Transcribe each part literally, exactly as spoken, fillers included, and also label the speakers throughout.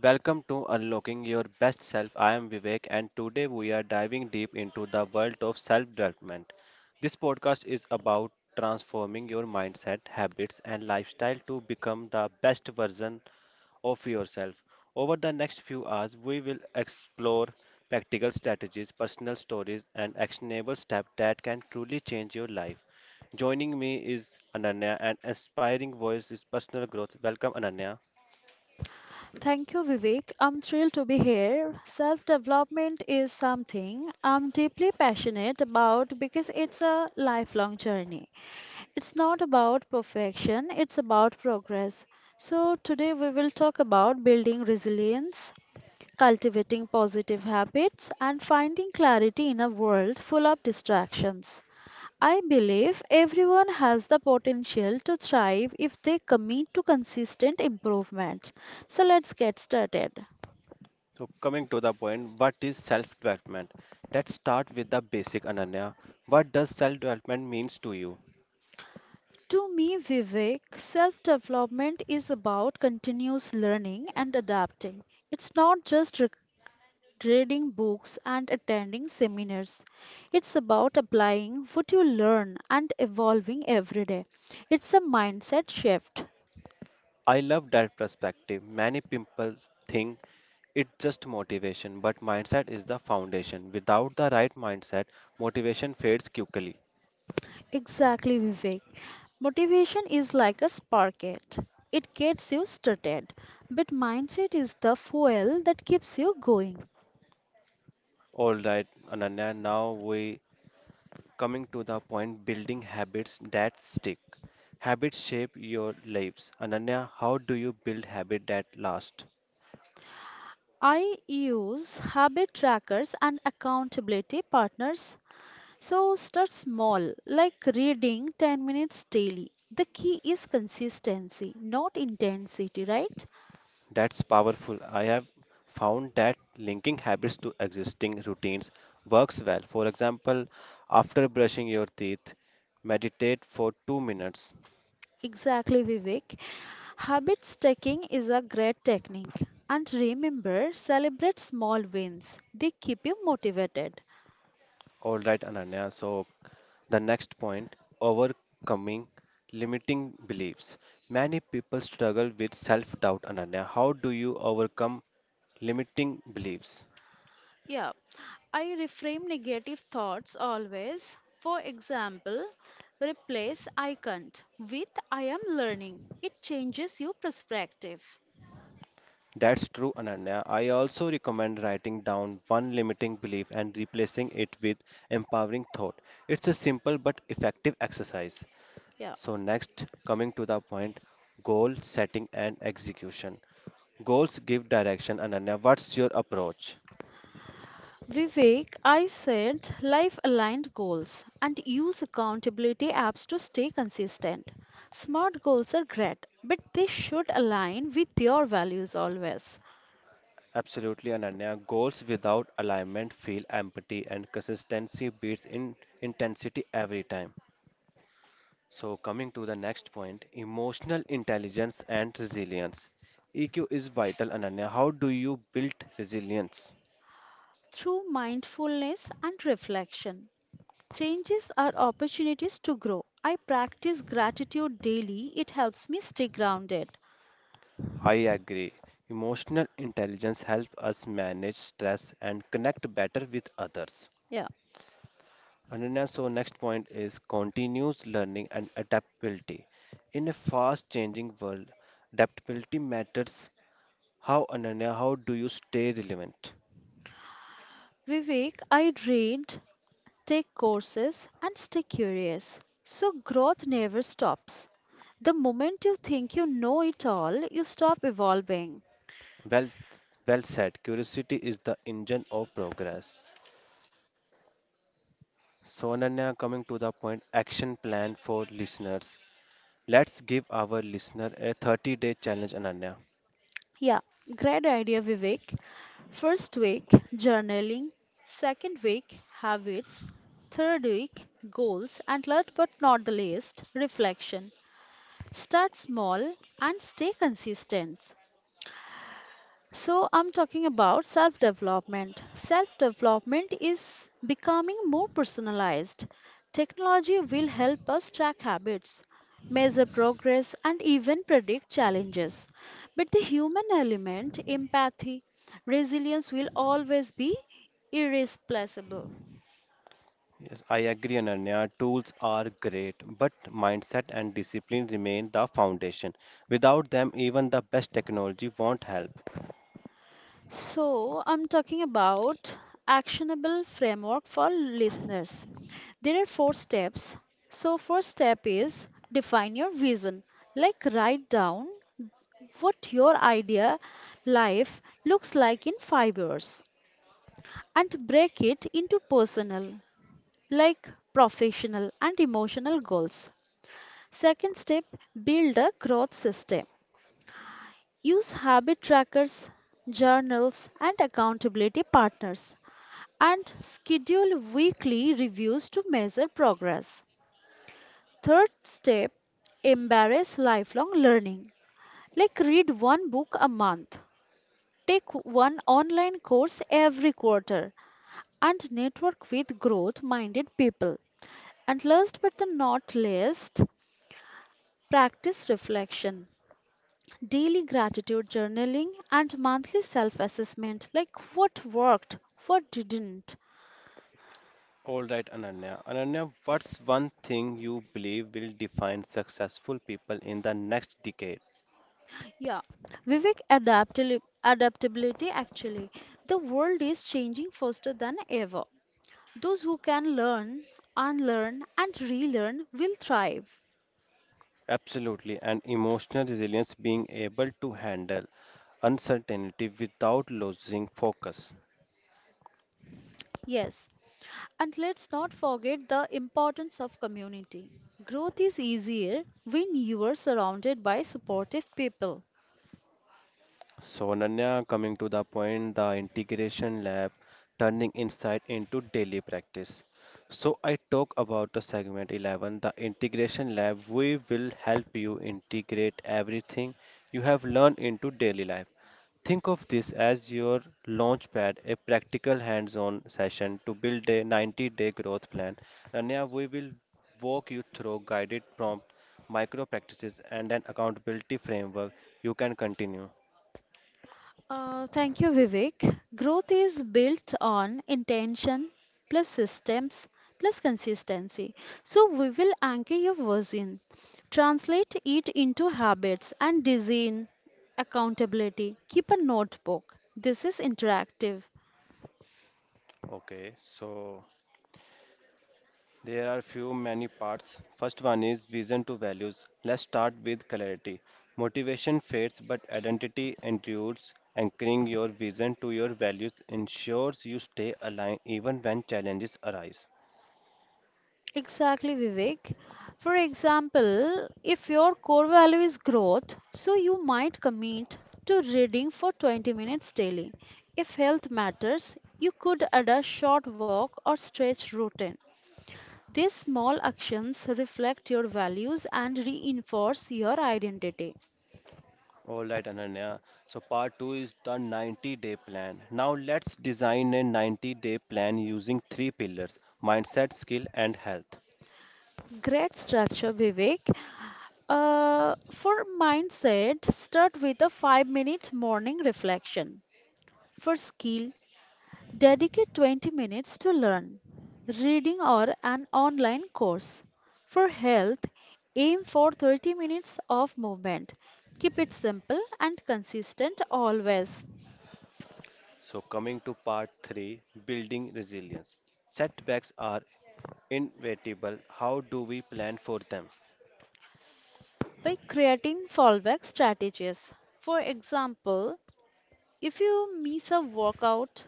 Speaker 1: Welcome to Unlocking Your Best Self. I am Vivek, and today we are diving deep into the world of self development. This podcast is about transforming your mindset, habits, and lifestyle to become the best version of yourself. Over the next few hours, we will explore practical strategies, personal stories, and actionable steps that can truly change your life. Joining me is Ananya, an inspiring voice is personal growth. Welcome, Ananya.
Speaker 2: Thank you, Vivek. I'm thrilled to be here. Self development is something I'm deeply passionate about because it's a lifelong journey. It's not about perfection, it's about progress. So, today we will talk about building resilience, cultivating positive habits, and finding clarity in a world full of distractions. I believe everyone has the potential to thrive if they commit to consistent improvement. So let's get started.
Speaker 1: So coming to the point, what is self-development? Let's start with the basic, Ananya. What does self-development means to you?
Speaker 2: To me, Vivek, self development is about continuous learning and adapting. It's not just re- reading books and attending seminars, it's about applying what you learn and evolving every day. It's a mindset shift.
Speaker 1: I love that perspective. Many people think it's just motivation, but mindset is the foundation. Without the right mindset, motivation fades quickly.
Speaker 2: Exactly, Vivek. Motivation is like a sparket. It gets you started, but mindset is the fuel that keeps you going.
Speaker 1: All right, Ananya, now we coming to the point, building habits that stick. Habits shape your lives. Ananya, how do you build habit that last?
Speaker 2: I use habit trackers and accountability partners. So start small, like reading ten minutes daily. The key is consistency, not intensity, right?
Speaker 1: That's powerful. I have found that linking habits to existing routines works well. For example, after brushing your teeth, meditate for two minutes.
Speaker 2: Exactly, Vivek. Habit stacking is a great technique. And remember, celebrate small wins. They keep you motivated.
Speaker 1: All right, Ananya. So, the next point, overcoming limiting beliefs. Many people struggle with self doubt, Ananya. How do you overcome limiting beliefs?
Speaker 2: Yeah, I reframe negative thoughts always. For example, replace I can't with I am learning. It changes your perspective.
Speaker 1: That's true, Ananya. I also recommend writing down one limiting belief and replacing it with empowering thought. It's a simple but effective exercise.
Speaker 2: Yeah.
Speaker 1: So, next, coming to the point, goal setting and execution. Goals give direction, Ananya. What's your approach?
Speaker 2: Vivek, I set life aligned goals and use accountability apps to stay consistent. Smart goals are great, but they should align with your values always.
Speaker 1: Absolutely, Ananya. Goals without alignment feel empty, and consistency beats in intensity every time. So, coming to the next point, emotional intelligence and resilience. E Q is vital, Ananya. How do you build resilience?
Speaker 2: Through mindfulness and reflection, changes are opportunities to grow. I practice gratitude daily, it helps me stay grounded.
Speaker 1: I agree. Emotional intelligence helps us manage stress and connect better with others.
Speaker 2: Yeah.
Speaker 1: Ananya, so next point is continuous learning and adaptability. In a fast changing world, adaptability matters. How, Ananya, how do you stay relevant?
Speaker 2: Vivek, I read take courses, and stay curious. So, growth never stops. The moment you think you know it all, you stop evolving.
Speaker 1: Well, well said. Curiosity is the engine of progress. So, Ananya, coming to the point, action plan for listeners. Let's give our listener a thirty day challenge, Ananya.
Speaker 2: Yeah, great idea, Vivek. First week, journaling. Second week, habits. Third week, goals. And last but not the least, reflection. Start small and stay consistent. So, I'm talking about self development. Self development is becoming more personalized. Technology will help us track habits, measure progress, and even predict challenges. But the human element, empathy, resilience will always be irreplaceable.
Speaker 1: Yes, I agree, Ananya. Tools are great, but mindset and discipline remain the foundation. Without them, even the best technology won't help.
Speaker 2: So, I'm talking about actionable framework for listeners. There are four steps. So, first step is define your vision. Like write down what your idea life looks like in five years and break it into personal, like professional and emotional goals. Second step, build a growth system. Use habit trackers, journals, and accountability partners, and schedule weekly reviews to measure progress. Third step, embrace lifelong learning. Like read one book a month, take one online course every quarter, and network with growth minded people. And last but the not least, practice reflection. Daily gratitude journaling and monthly self assessment, like what worked, what didn't.
Speaker 1: All right, Ananya. Ananya, what's one thing you believe will define successful people in the next decade?
Speaker 2: Yeah, Vivek, adaptali- adaptability actually. The world is changing faster than ever. Those who can learn, unlearn, and relearn will thrive.
Speaker 1: Absolutely, and emotional resilience being able to handle uncertainty without losing focus.
Speaker 2: Yes, and let's not forget the importance of community. Growth is easier when you are surrounded by supportive people.
Speaker 1: So, Nanya, coming to the point, the integration lab, turning insight into daily practice. So, I talk about the segment eleven, the integration lab. We will help you integrate everything you have learned into daily life. Think of this as your launch pad, a practical hands on session to build a ninety day growth plan. Nanya, we will walk you through guided prompt, micro practices, and an accountability framework. You can continue.
Speaker 2: Uh, thank you, Vivek. Growth is built on intention plus systems plus consistency. So we will anchor your vision, translate it into habits and design accountability. Keep a notebook. This is interactive.
Speaker 1: Okay, so there are few many parts. First one is vision to values. Let's start with clarity. Motivation fades, but identity endures. Anchoring your vision to your values ensures you stay aligned even when challenges arise.
Speaker 2: Exactly, Vivek. For example, if your core value is growth, so you might commit to reading for twenty minutes daily. If health matters, you could add a short walk or stretch routine. These small actions reflect your values and reinforce your identity.
Speaker 1: All right, Ananya. So part two is the ninety-day plan. Now let's design a ninety-day plan using three pillars: mindset, skill, and health.
Speaker 2: Great structure, Vivek. Uh, for mindset, start with a five minute morning reflection. For skill, dedicate twenty minutes to learn, reading or an online course. For health, aim for thirty minutes of movement. Keep it simple and consistent always,
Speaker 1: So, coming to part three, building resilience. Setbacks are inevitable. How do we plan for them?
Speaker 2: by creating fallback strategies. For example, if you miss a workout,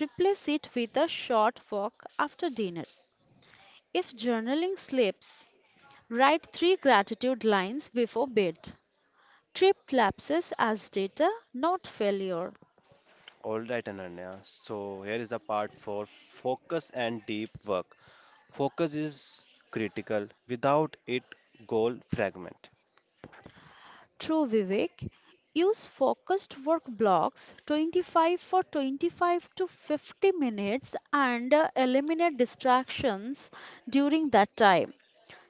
Speaker 2: replace it with a short walk after dinner. If journaling slips, write three gratitude lines before bed. Trip lapses as data, not failure.
Speaker 1: All right, Ananya. So, here is the part four: focus and deep work. Focus is critical, without it, goal fragment.
Speaker 2: True Vivek, use focused work blocks twenty-five for twenty-five to fifty minutes, and uh, eliminate distractions during that time.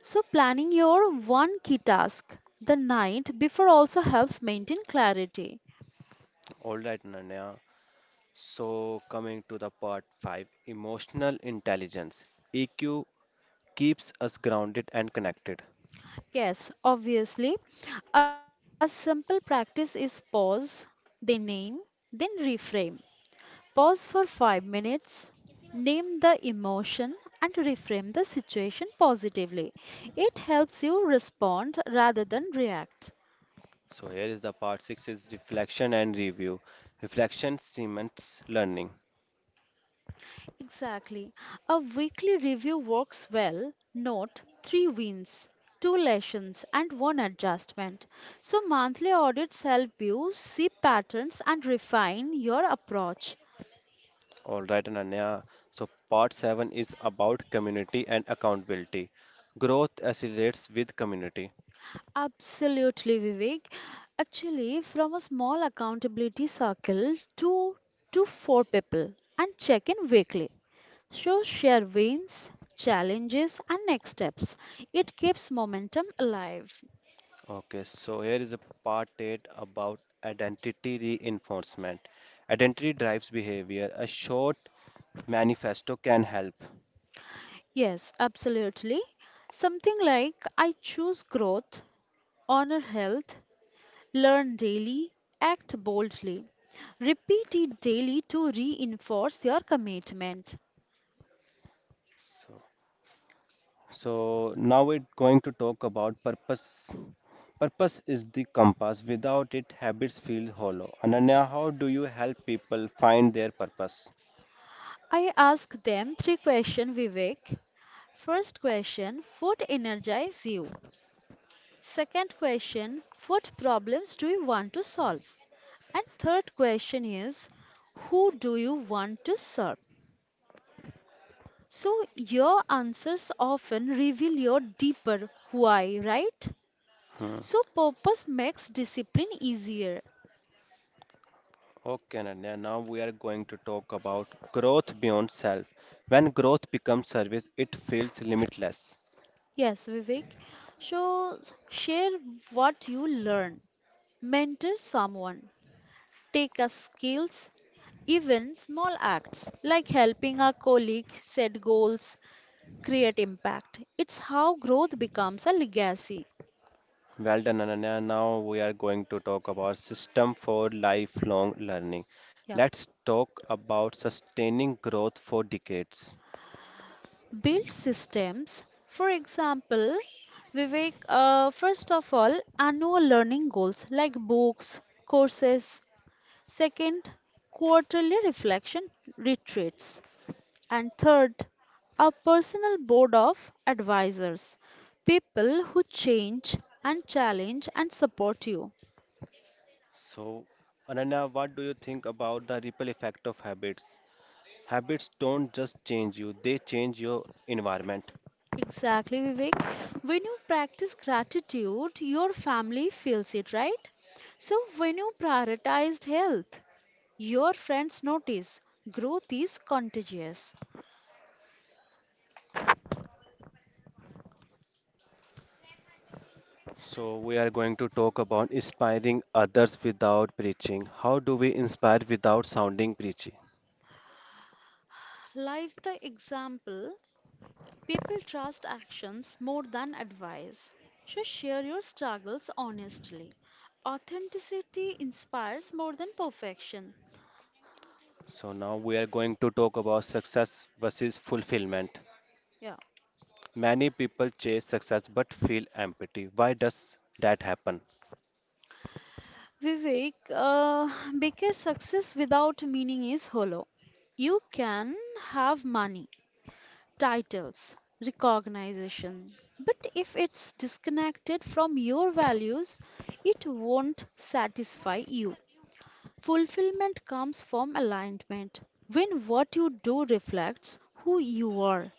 Speaker 2: So, planning your one key task the night before also helps maintain clarity.
Speaker 1: All right, Ananya. So, coming to the part five, emotional intelligence. E Q keeps us grounded and connected.
Speaker 2: Yes, obviously, a simple practice is pause, then name, then reframe. Pause for five minutes, name the emotion, and reframe the situation positively. It helps you respond rather than react.
Speaker 1: So here is the part six is reflection and review. Reflection cements learning.
Speaker 2: Exactly. A weekly review works well. Note three wins, two lessons, and one adjustment. So, monthly audits help you see patterns and refine your approach.
Speaker 1: All right, Ananya. So part seven is about community and accountability. Growth accelerates with community.
Speaker 2: Absolutely, Vivek. Actually, from a small accountability circle to to four people and check in weekly. So share wins, challenges and next steps. It keeps momentum alive.
Speaker 1: Okay, so here is a part eight about identity reinforcement. Identity drives behavior. A short manifesto can help.
Speaker 2: Yes, absolutely. Something like I choose growth, honor health, learn daily, act boldly. Repeat it daily to reinforce your commitment.
Speaker 1: So, so now we're going to talk about purpose. Purpose is the compass. Without it, habits feel hollow. Ananya, how do you help people find their purpose?
Speaker 2: I ask them three questions, Vivek. First question, what energizes you? Second question, what problems do you want to solve? And third question is, who do you want to serve? So your answers often reveal your deeper why, right?
Speaker 1: Hmm.
Speaker 2: So purpose makes discipline easier.
Speaker 1: Okay, Ananya, now we are going to talk about growth beyond self. When growth becomes service, it feels limitless.
Speaker 2: Yes, Vivek. So s- share what you learn. Mentor someone. Take a skills. Even small acts like helping a colleague set goals create impact. It's how growth becomes a legacy.
Speaker 1: Well done, Ananya. Now we are going to talk about system for lifelong learning.
Speaker 2: Yeah.
Speaker 1: Let's talk about sustaining growth for decades.
Speaker 2: Build systems. For example, Vivek, uh, first of all, annual learning goals like books, courses. Second, quarterly reflection retreats. And third, a personal board of advisors, people who change and challenge and support you.
Speaker 1: So, Ananya, what do you think about the ripple effect of habits? Habits don't just change you, they change your environment.
Speaker 2: Exactly, Vivek. When you practice gratitude, your family feels it, right? So, when you prioritized health, your friends notice growth is contagious.
Speaker 1: So, we are going to talk about inspiring others without preaching. How do we inspire without sounding preachy?
Speaker 2: Life the example, people trust actions more than advice. So, share your struggles honestly. Authenticity inspires more than perfection.
Speaker 1: So, now we are going to talk about success versus fulfillment.
Speaker 2: Yeah.
Speaker 1: Many people chase success but feel empty. Why does that happen?
Speaker 2: Vivek, uh, because success without meaning is hollow. You can have money, titles, recognition, but if it's disconnected from your values, it won't satisfy you. Fulfillment comes from alignment when what you do reflects who you are.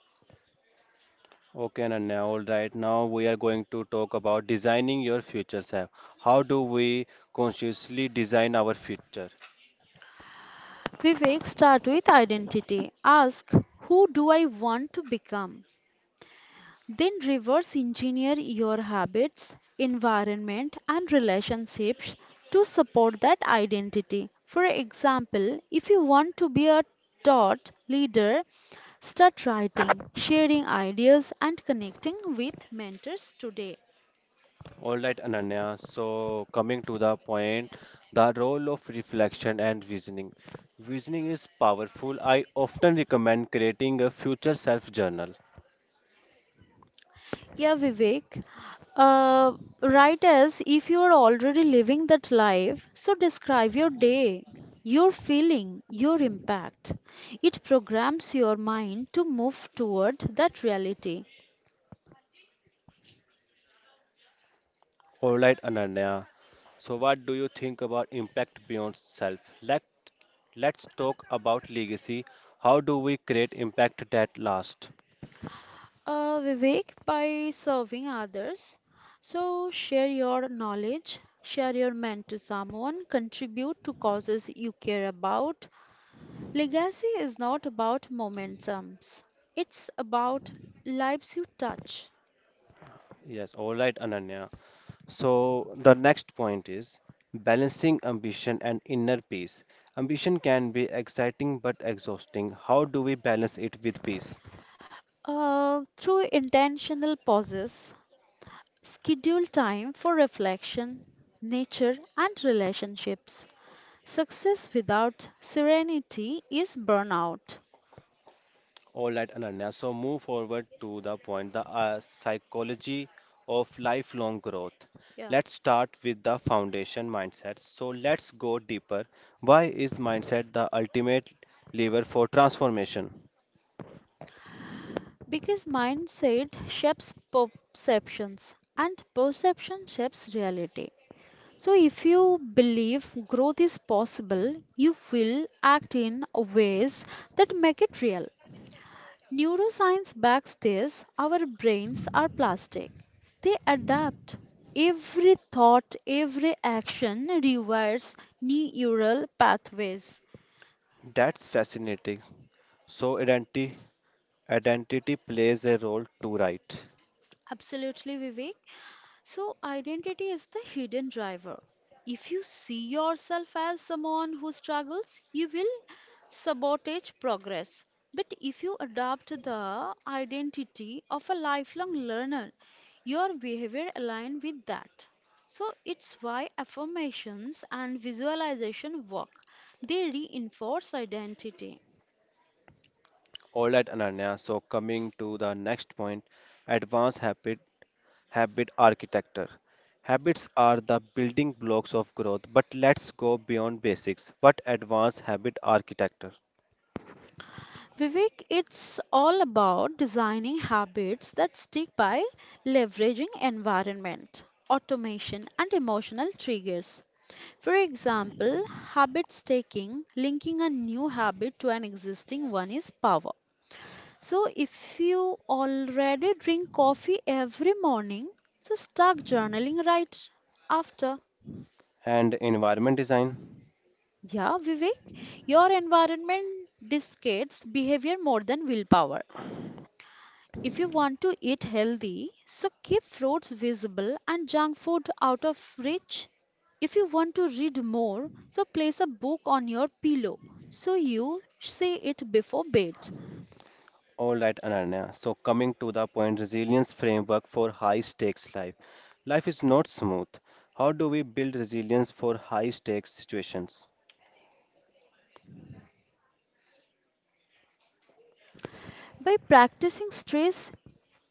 Speaker 1: Okay, Ananya, all right. Now we are going to talk about designing your future self. How do we consciously design our future?
Speaker 2: Vivek, start with identity. Ask, who do I want to become? Then reverse engineer your habits, environment, and relationships to support that identity. For example, if you want to be a thought leader, start writing, sharing ideas, and connecting with mentors today.
Speaker 1: All right, Ananya. So, coming to the point, the role of reflection and visioning. Visioning is powerful. I often recommend creating a future self journal.
Speaker 2: Yeah, Vivek. Uh, Write as if you are already living that life. So describe your day, your feeling, your impact. It programs your mind to move toward that reality.
Speaker 1: All right, Ananya. So, what do you think about impact beyond self? Let Let's talk about legacy. How do we create impact that lasts?
Speaker 2: Uh, Vivek, by serving others, so share your knowledge, share your mind to someone, contribute to causes you care about. Legacy is not about momentums, it's about lives you touch.
Speaker 1: Yes, all right, Ananya. So the next point is balancing ambition and inner peace. Ambition can be exciting but exhausting. How do we balance it with peace?
Speaker 2: Uh, through intentional pauses, schedule time for reflection, nature, and relationships. Success without serenity is burnout.
Speaker 1: All right, Ananya. So move forward to the point, the uh, psychology of lifelong growth.
Speaker 2: Yeah.
Speaker 1: Let's start with the foundation mindset. So let's go deeper. Why is mindset the ultimate lever for transformation?
Speaker 2: Because mindset shapes perceptions and perception shapes reality. So, if you believe growth is possible, you will act in ways that make it real. Neuroscience backs this. Our brains are plastic. They adapt. Every thought, every action rewires neural pathways.
Speaker 1: That's fascinating. So, identity Identity plays a role too, right?
Speaker 2: Absolutely, Vivek. So, identity is the hidden driver. If you see yourself as someone who struggles, you will sabotage progress. But if you adopt the identity of a lifelong learner, your behavior aligns with that. So, it's why affirmations and visualization work, they reinforce identity.
Speaker 1: All right, Ananya. So, coming to the next point, advanced habit, habit architecture. Habits are the building blocks of growth, but let's go beyond basics. What advanced habit architecture
Speaker 2: Vivek, it's all about designing habits that stick by leveraging environment, automation, and emotional triggers. For example, habit stacking, linking a new habit to an existing one is power. So, if you already drink coffee every morning, so start journaling right after.
Speaker 1: and environment design?
Speaker 2: Yeah, Vivek, your environment dictates behavior more than willpower. If you want to eat healthy, so keep fruits visible and junk food out of reach. If you want to read more, so place a book on your pillow so you see it before bed.
Speaker 1: All right, Ananya. So, coming to the point, resilience framework for high stakes life. Life is not smooth. How do we build resilience for high stakes situations?
Speaker 2: By practicing stress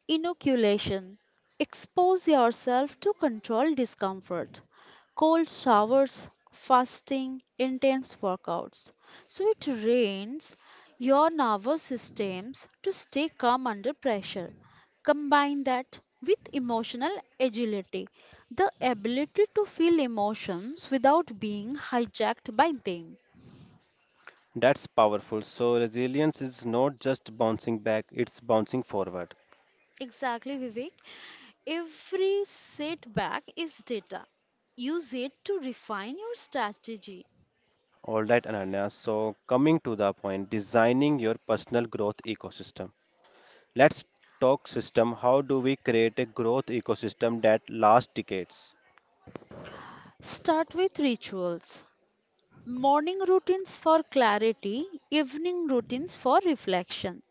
Speaker 2: inoculation. Expose yourself to control discomfort. Cold showers, fasting, intense workouts. So it trains your nervous systems to stay calm under pressure. Combine that with emotional agility, the ability to feel emotions without being hijacked by them.
Speaker 1: That's powerful. So, resilience is not just bouncing back, it's bouncing forward.
Speaker 2: Exactly, Vivek. Every setback is data. Use it to refine your strategy.
Speaker 1: All right, Ananya. So, coming to the point, designing your personal growth ecosystem. Let's talk system. How do we create a growth ecosystem that lasts decades?
Speaker 2: Start with rituals. Morning routines for clarity, evening routines for reflection.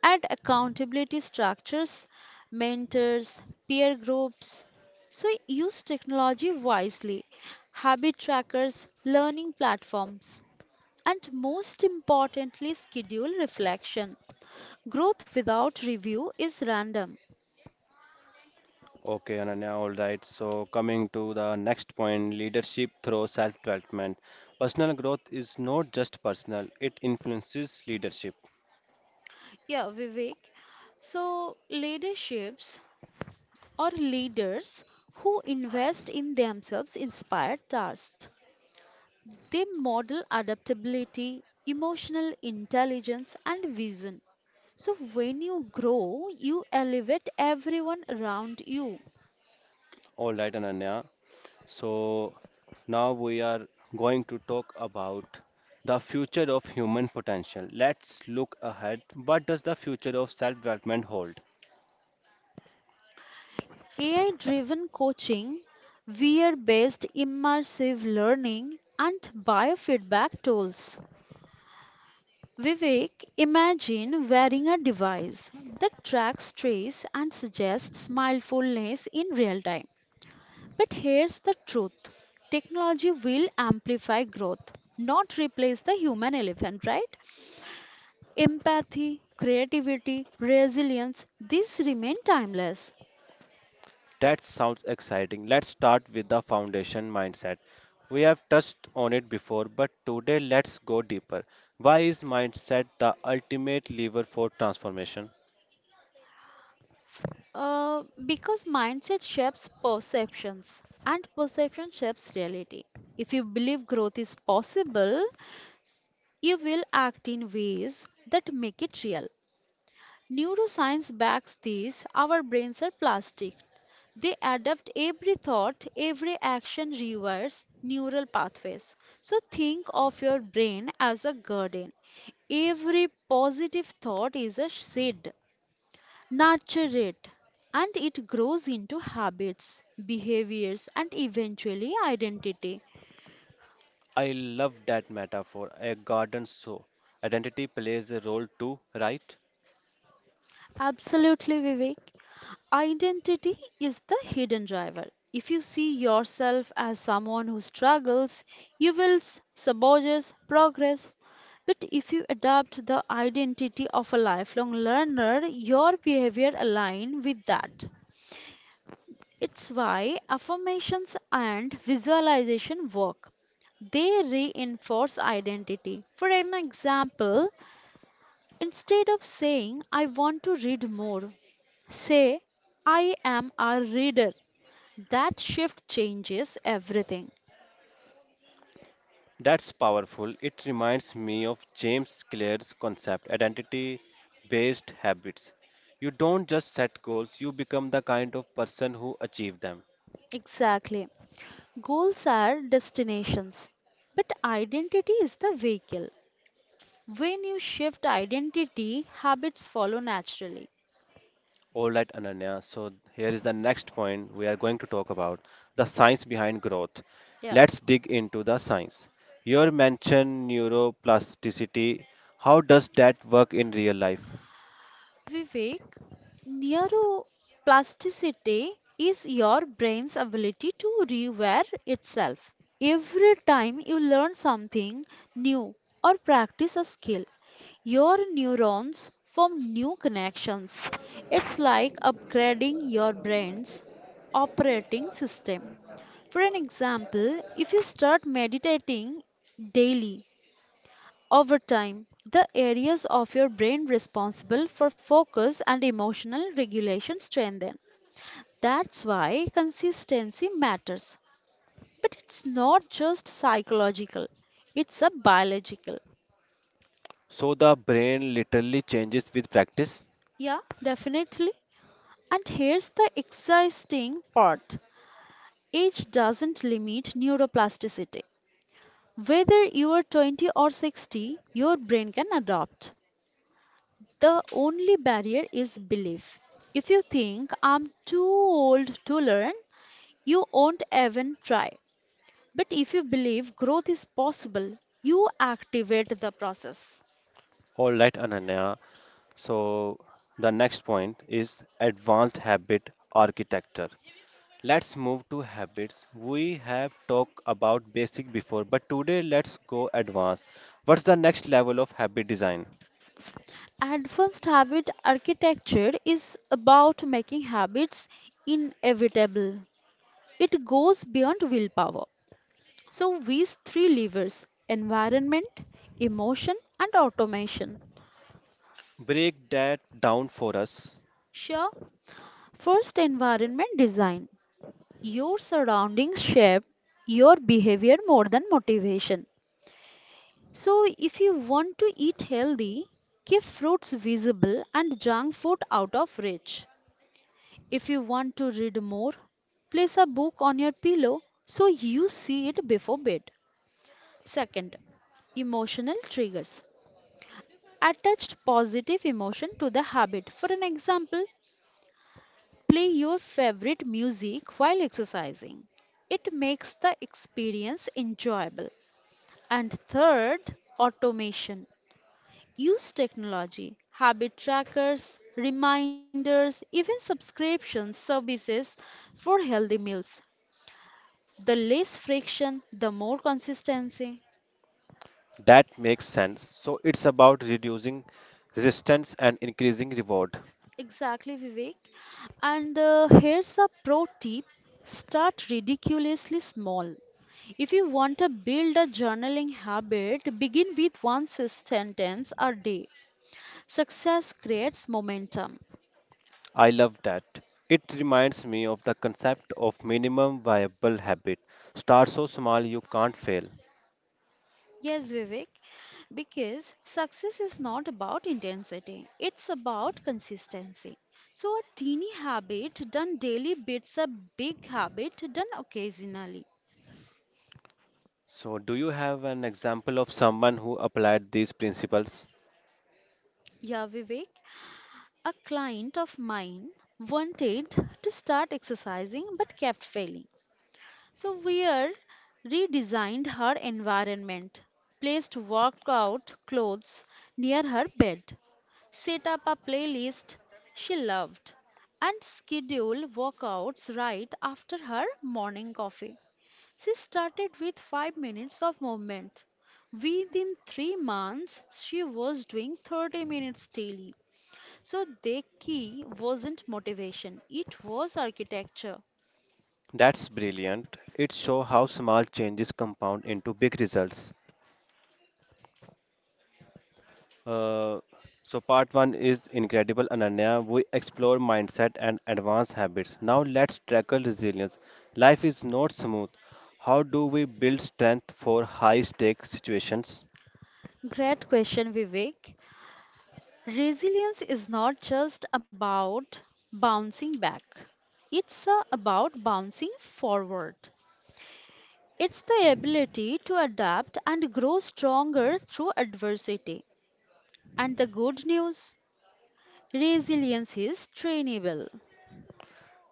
Speaker 2: Add accountability structures, mentors, peer groups. So use technology wisely, habit trackers, learning platforms, and most importantly, schedule reflection. Growth without review is random.
Speaker 1: Okay, Ananya, all right. So, coming to the next point, leadership through self-development. Personal growth is not just personal, it influences leadership.
Speaker 2: Yeah, Vivek. So, leaderships or leaders who invest in themselves inspire trust. They model adaptability, emotional intelligence, and vision. So, when you grow, you elevate everyone around you.
Speaker 1: All right, Ananya. So, now we are going to talk about the future of human potential. Let's look ahead. What does the future of self development hold?
Speaker 2: A I driven coaching, V R based immersive learning, and biofeedback tools, Vivek, imagine wearing a device that tracks trace and suggests mindfulness in real time. But here's the truth, technology will amplify growth, not replace the human elephant, right? Empathy, creativity, resilience, these remain timeless.
Speaker 1: That sounds exciting. Let's start with the foundation mindset. We have touched on it before, but today let's go deeper. Why is mindset the ultimate lever for transformation?
Speaker 2: Uh, because mindset shapes perceptions and perception shapes reality. If you believe growth is possible, you will act in ways that make it real. Neuroscience backs this. Our brains are plastic. They adapt every thought, every action rewires neural pathways. So think of your brain as a garden. Every positive thought is a seed. Nurture it, and it grows into habits, behaviors, and eventually identity.
Speaker 1: I love that metaphor. A garden, so identity plays a role too, right?
Speaker 2: Absolutely, Vivek. Identity is the hidden driver. If you see yourself as someone who struggles, you will s- sabotage progress. But if you adopt the identity of a lifelong learner, your behavior align with that. It's why affirmations and visualization work, they reinforce identity. For an example, instead of saying, I want to read more, say, I am a reader. That shift changes everything.
Speaker 1: That's powerful. It reminds me of James Clear's concept, identity based habits. You don't just set goals, you become the kind of person who achieve them.
Speaker 2: Exactly. Goals are destinations, but identity is the vehicle. When you shift identity, habits follow naturally.
Speaker 1: All right, Ananya. So here is the next point we are going to talk about, the science behind growth.
Speaker 2: Yeah.
Speaker 1: Let's dig into the science. You mentioned neuroplasticity. How does that work in real life?
Speaker 2: Vivek, neuroplasticity is your brain's ability to rewire itself. Every time you learn something new or practice a skill, your neurons form new connections. It's like upgrading your brain's operating system. For an example, if you start meditating daily, over time, the areas of your brain responsible for focus and emotional regulation strengthen. That's why consistency matters. But it's not just psychological, it's a biological.
Speaker 1: So the brain literally changes with practice.
Speaker 2: Yeah, definitely. And here's the exciting part, age doesn't limit neuroplasticity. Whether you are twenty or sixty, your brain can adapt. The only barrier is belief. If you think I'm too old to learn, you won't even try. But if you believe growth is possible, you activate the process.
Speaker 1: All right, Ananya. So, the next point is advanced habit architecture. Let's move to habits. We have talked about basic before, but today let's go advanced. What's the next level of habit design?
Speaker 2: Advanced habit architecture is about making habits inevitable. It goes beyond willpower. So, these three levers: environment, emotion, and automation.
Speaker 1: Break that down for us.
Speaker 2: Sure, first environment design. Your surroundings shape your behavior more than motivation. So, if you want to eat healthy, keep fruits visible and junk food out of reach. If you want to read more, place a book on your pillow so you see it before bed. Second, emotional triggers. Attached positive emotion to the habit. For an example, play your favorite music while exercising. It makes the experience enjoyable. And third, automation. Use technology, habit trackers, reminders, even subscription services for healthy meals. The less friction, the more consistency.
Speaker 1: That makes sense. So, it's about reducing resistance and increasing reward.
Speaker 2: Exactly, Vivek. And uh, here's a pro tip, start ridiculously small. If you want to build a journaling habit, begin with one s- sentence a day. Success creates momentum.
Speaker 1: I love that. It reminds me of the concept of minimum viable habit. Start so small you can't fail.
Speaker 2: Yes, Vivek, because success is not about intensity, it's about consistency. So, a teeny habit done daily beats a big habit done occasionally.
Speaker 1: So, do you have an example of someone who applied these principles?
Speaker 2: Yeah, Vivek, a client of mine wanted to start exercising but kept failing. So Weir redesigned her environment, placed workout clothes near her bed, set up a playlist she loved, and scheduled workouts right after her morning coffee. She started with five minutes of movement. Within three months, she was doing thirty minutes daily. So, the key wasn't motivation, it was architecture.
Speaker 1: That's brilliant. It shows how small changes compound into big results. Uh, so, part one is incredible, Ananya. We explore mindset and advanced habits. Now, let's tackle resilience. Life is not smooth. How do we build strength for high stake situations?
Speaker 2: Great question, Vivek. Resilience is not just about bouncing back, it's uh, about bouncing forward. It's the ability to adapt and grow stronger through adversity. And the good news, resilience is trainable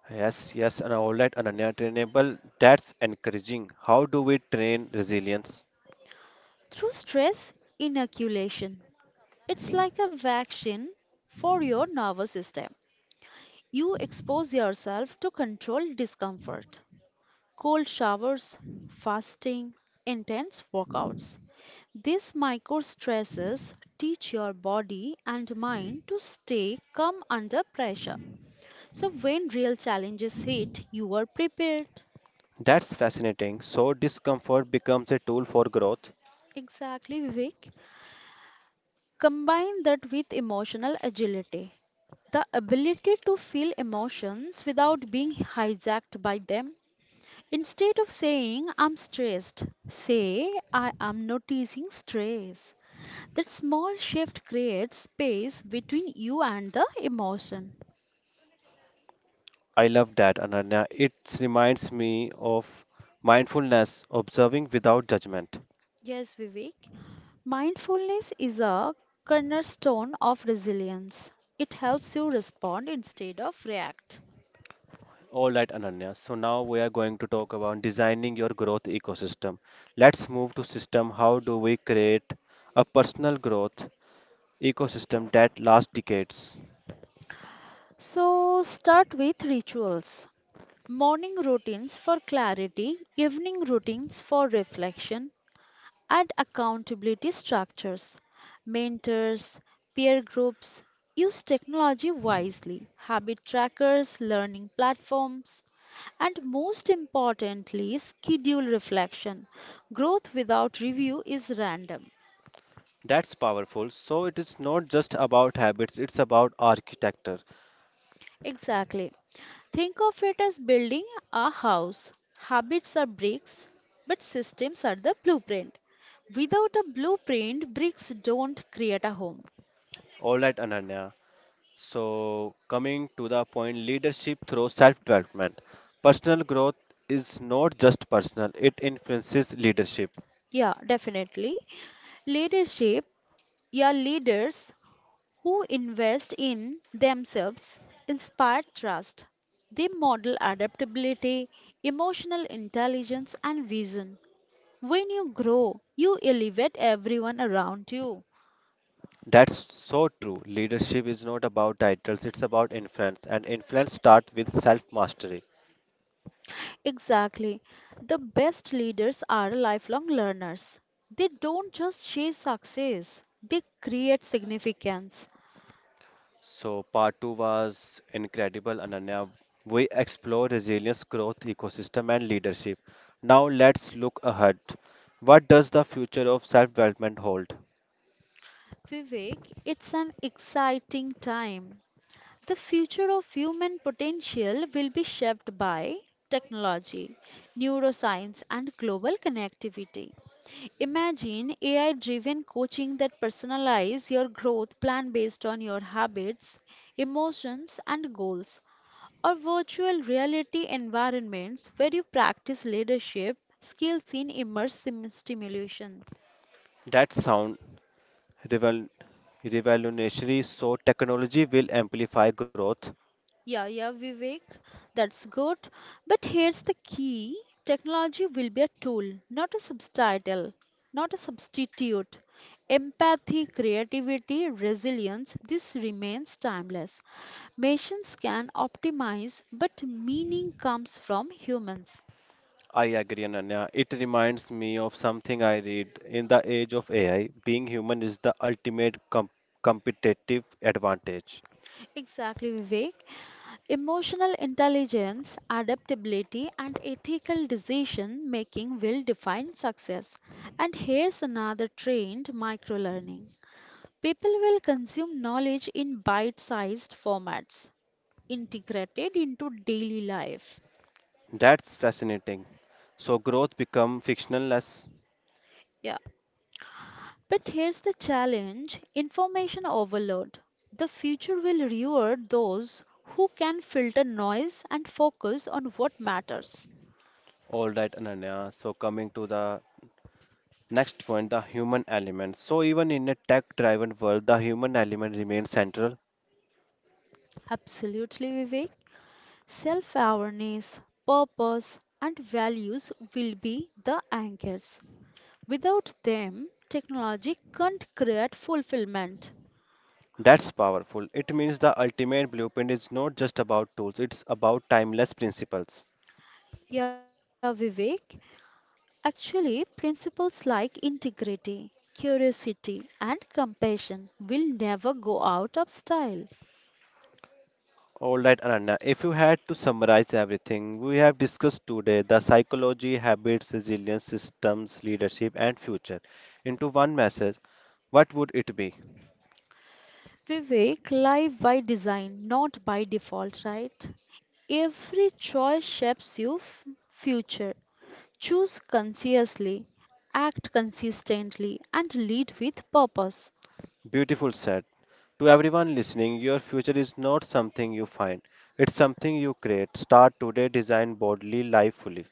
Speaker 1: Yes, yes, and all right, Ananya. Trainable, that's encouraging. How do we train resilience?
Speaker 2: through stress inoculation. It's like a vaccine for your nervous system. You expose yourself to controlled discomfort, cold showers, fasting, intense workouts. These micro stresses teach your body and mind to stay calm under pressure. So, when real challenges hit, you are prepared.
Speaker 1: That's fascinating. So discomfort becomes a tool for growth.
Speaker 2: Exactly, Vivek. Combine that with emotional agility, the ability to feel emotions without being hijacked by them. Instead of saying, I'm stressed, say, I am noticing stress. That small shift creates space between you and the emotion.
Speaker 1: I love that, Ananya. It reminds me of mindfulness, observing without judgment.
Speaker 2: Yes, Vivek. Mindfulness is a cornerstone of resilience. It helps you respond instead of react.
Speaker 1: All right, Ananya. So now we are going to talk about designing your growth ecosystem. Let's move to system. How do we create a personal growth ecosystem that lasts decades?
Speaker 2: So, start with rituals. Morning routines for clarity, evening routines for reflection, and accountability structures. Mentors, peer groups, use technology wisely. Habit trackers, learning platforms, and most importantly, schedule reflection. Growth without review is random.
Speaker 1: That's powerful. So it is not just about habits, it's about architecture.
Speaker 2: Exactly. Think of it as building a house. Habits are bricks, but systems are the blueprint. Without a blueprint, bricks don't create a home.
Speaker 1: All right, Ananya. So, coming to the point, leadership through self development. Personal growth is not just personal, it influences leadership.
Speaker 2: Yeah, definitely. Leadership, yeah, leaders who invest in themselves inspire trust. They model adaptability, emotional intelligence, and vision. When you grow, you elevate everyone around you.
Speaker 1: That's so true. Leadership is not about titles, it's about influence, and influence starts with self mastery.
Speaker 2: Exactly. The best leaders are lifelong learners. They don't just chase success, they create significance.
Speaker 1: So, part two was incredible, Ananya. We explore resilience, growth, ecosystem, and leadership. Now, let's look ahead. What does the future of self development hold?
Speaker 2: Vivek, it's an exciting time. The future of human potential will be shaped by technology, neuroscience, and global connectivity. Imagine A I driven coaching that personalize your growth plan based on your habits, emotions, and goals, or virtual reality environments where you practice leadership skills in immersive stimulation.
Speaker 1: That sound revel- revolutionary. So, technology will amplify growth.
Speaker 2: Yeah, yeah, Vivek, that's good. But here's the key, technology will be a tool, not a subtitle, not a substitute. Empathy, creativity, resilience, this remains timeless. Machines can optimize, but meaning comes from humans.
Speaker 1: I agree, Ananya. It reminds me of something I read. In the age of A I, being human is the ultimate com- competitive advantage.
Speaker 2: Exactly, Vivek. Emotional intelligence, adaptability, and ethical decision making will define success. And here's another trend, microlearning. People will consume knowledge in bite sized formats, integrated into daily life.
Speaker 1: That's fascinating. So, growth become fictionless.
Speaker 2: Yeah. But here's the challenge, information overload. The future will reward those who can filter noise and focus on what matters.
Speaker 1: All right, Ananya. So, coming to the next point, the human element. So, even in a tech-driven world, the human element remains central.
Speaker 2: Absolutely, Vivek. Self awareness, purpose, and values will be the anchors. Without them, technology can't create fulfillment.
Speaker 1: That's powerful. It means the ultimate blueprint is not just about tools, it's about timeless principles.
Speaker 2: Yeah, Vivek. Actually, principles like integrity, curiosity, and compassion will never go out of style.
Speaker 1: All right, Ananya, if you had to summarize everything we have discussed today, the psychology, habits, resilience, systems, leadership, and future, into one message, what would it be?
Speaker 2: Vivek, live by design, not by default, right? Every choice shapes your f- future. Choose consciously, act consistently, and lead with purpose.
Speaker 1: Beautiful said. To everyone listening, your future is not something you find, it's something you create. Start today, design boldly, live fully.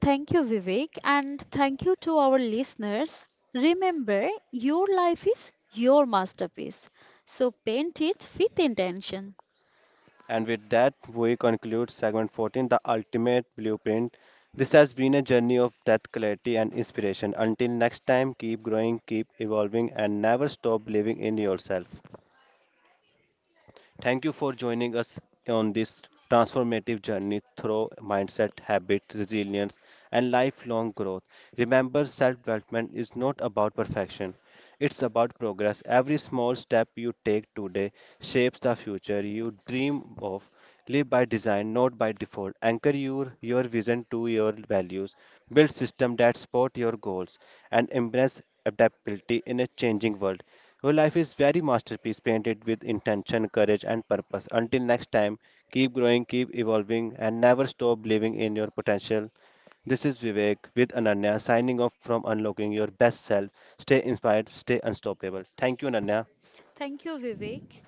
Speaker 2: Thank you, Vivek, and thank you to our listeners. Remember, your life is your masterpiece, so paint it with intention.
Speaker 1: And with that, we conclude segment fourteen, the ultimate blueprint. This has been a journey of depth, clarity, and inspiration. Until next time, keep growing, keep evolving, and never stop believing in yourself. Thank you for joining us on this transformative journey through mindset, habit, resilience, and lifelong growth. Remember, self development is not about perfection, it's about progress. Every small step you take today shapes the future you dream of. Live by design, not by default. Anchor your, your vision to your values. Build systems that support your goals and embrace adaptability in a changing world. Your life is very masterpiece painted with intention, courage, and purpose. Until next time, keep growing, keep evolving, and never stop believing in your potential. This is Vivek with Ananya signing off from Unlocking Your Best Self. Stay inspired, stay unstoppable. Thank you, Ananya.
Speaker 2: Thank you, Vivek.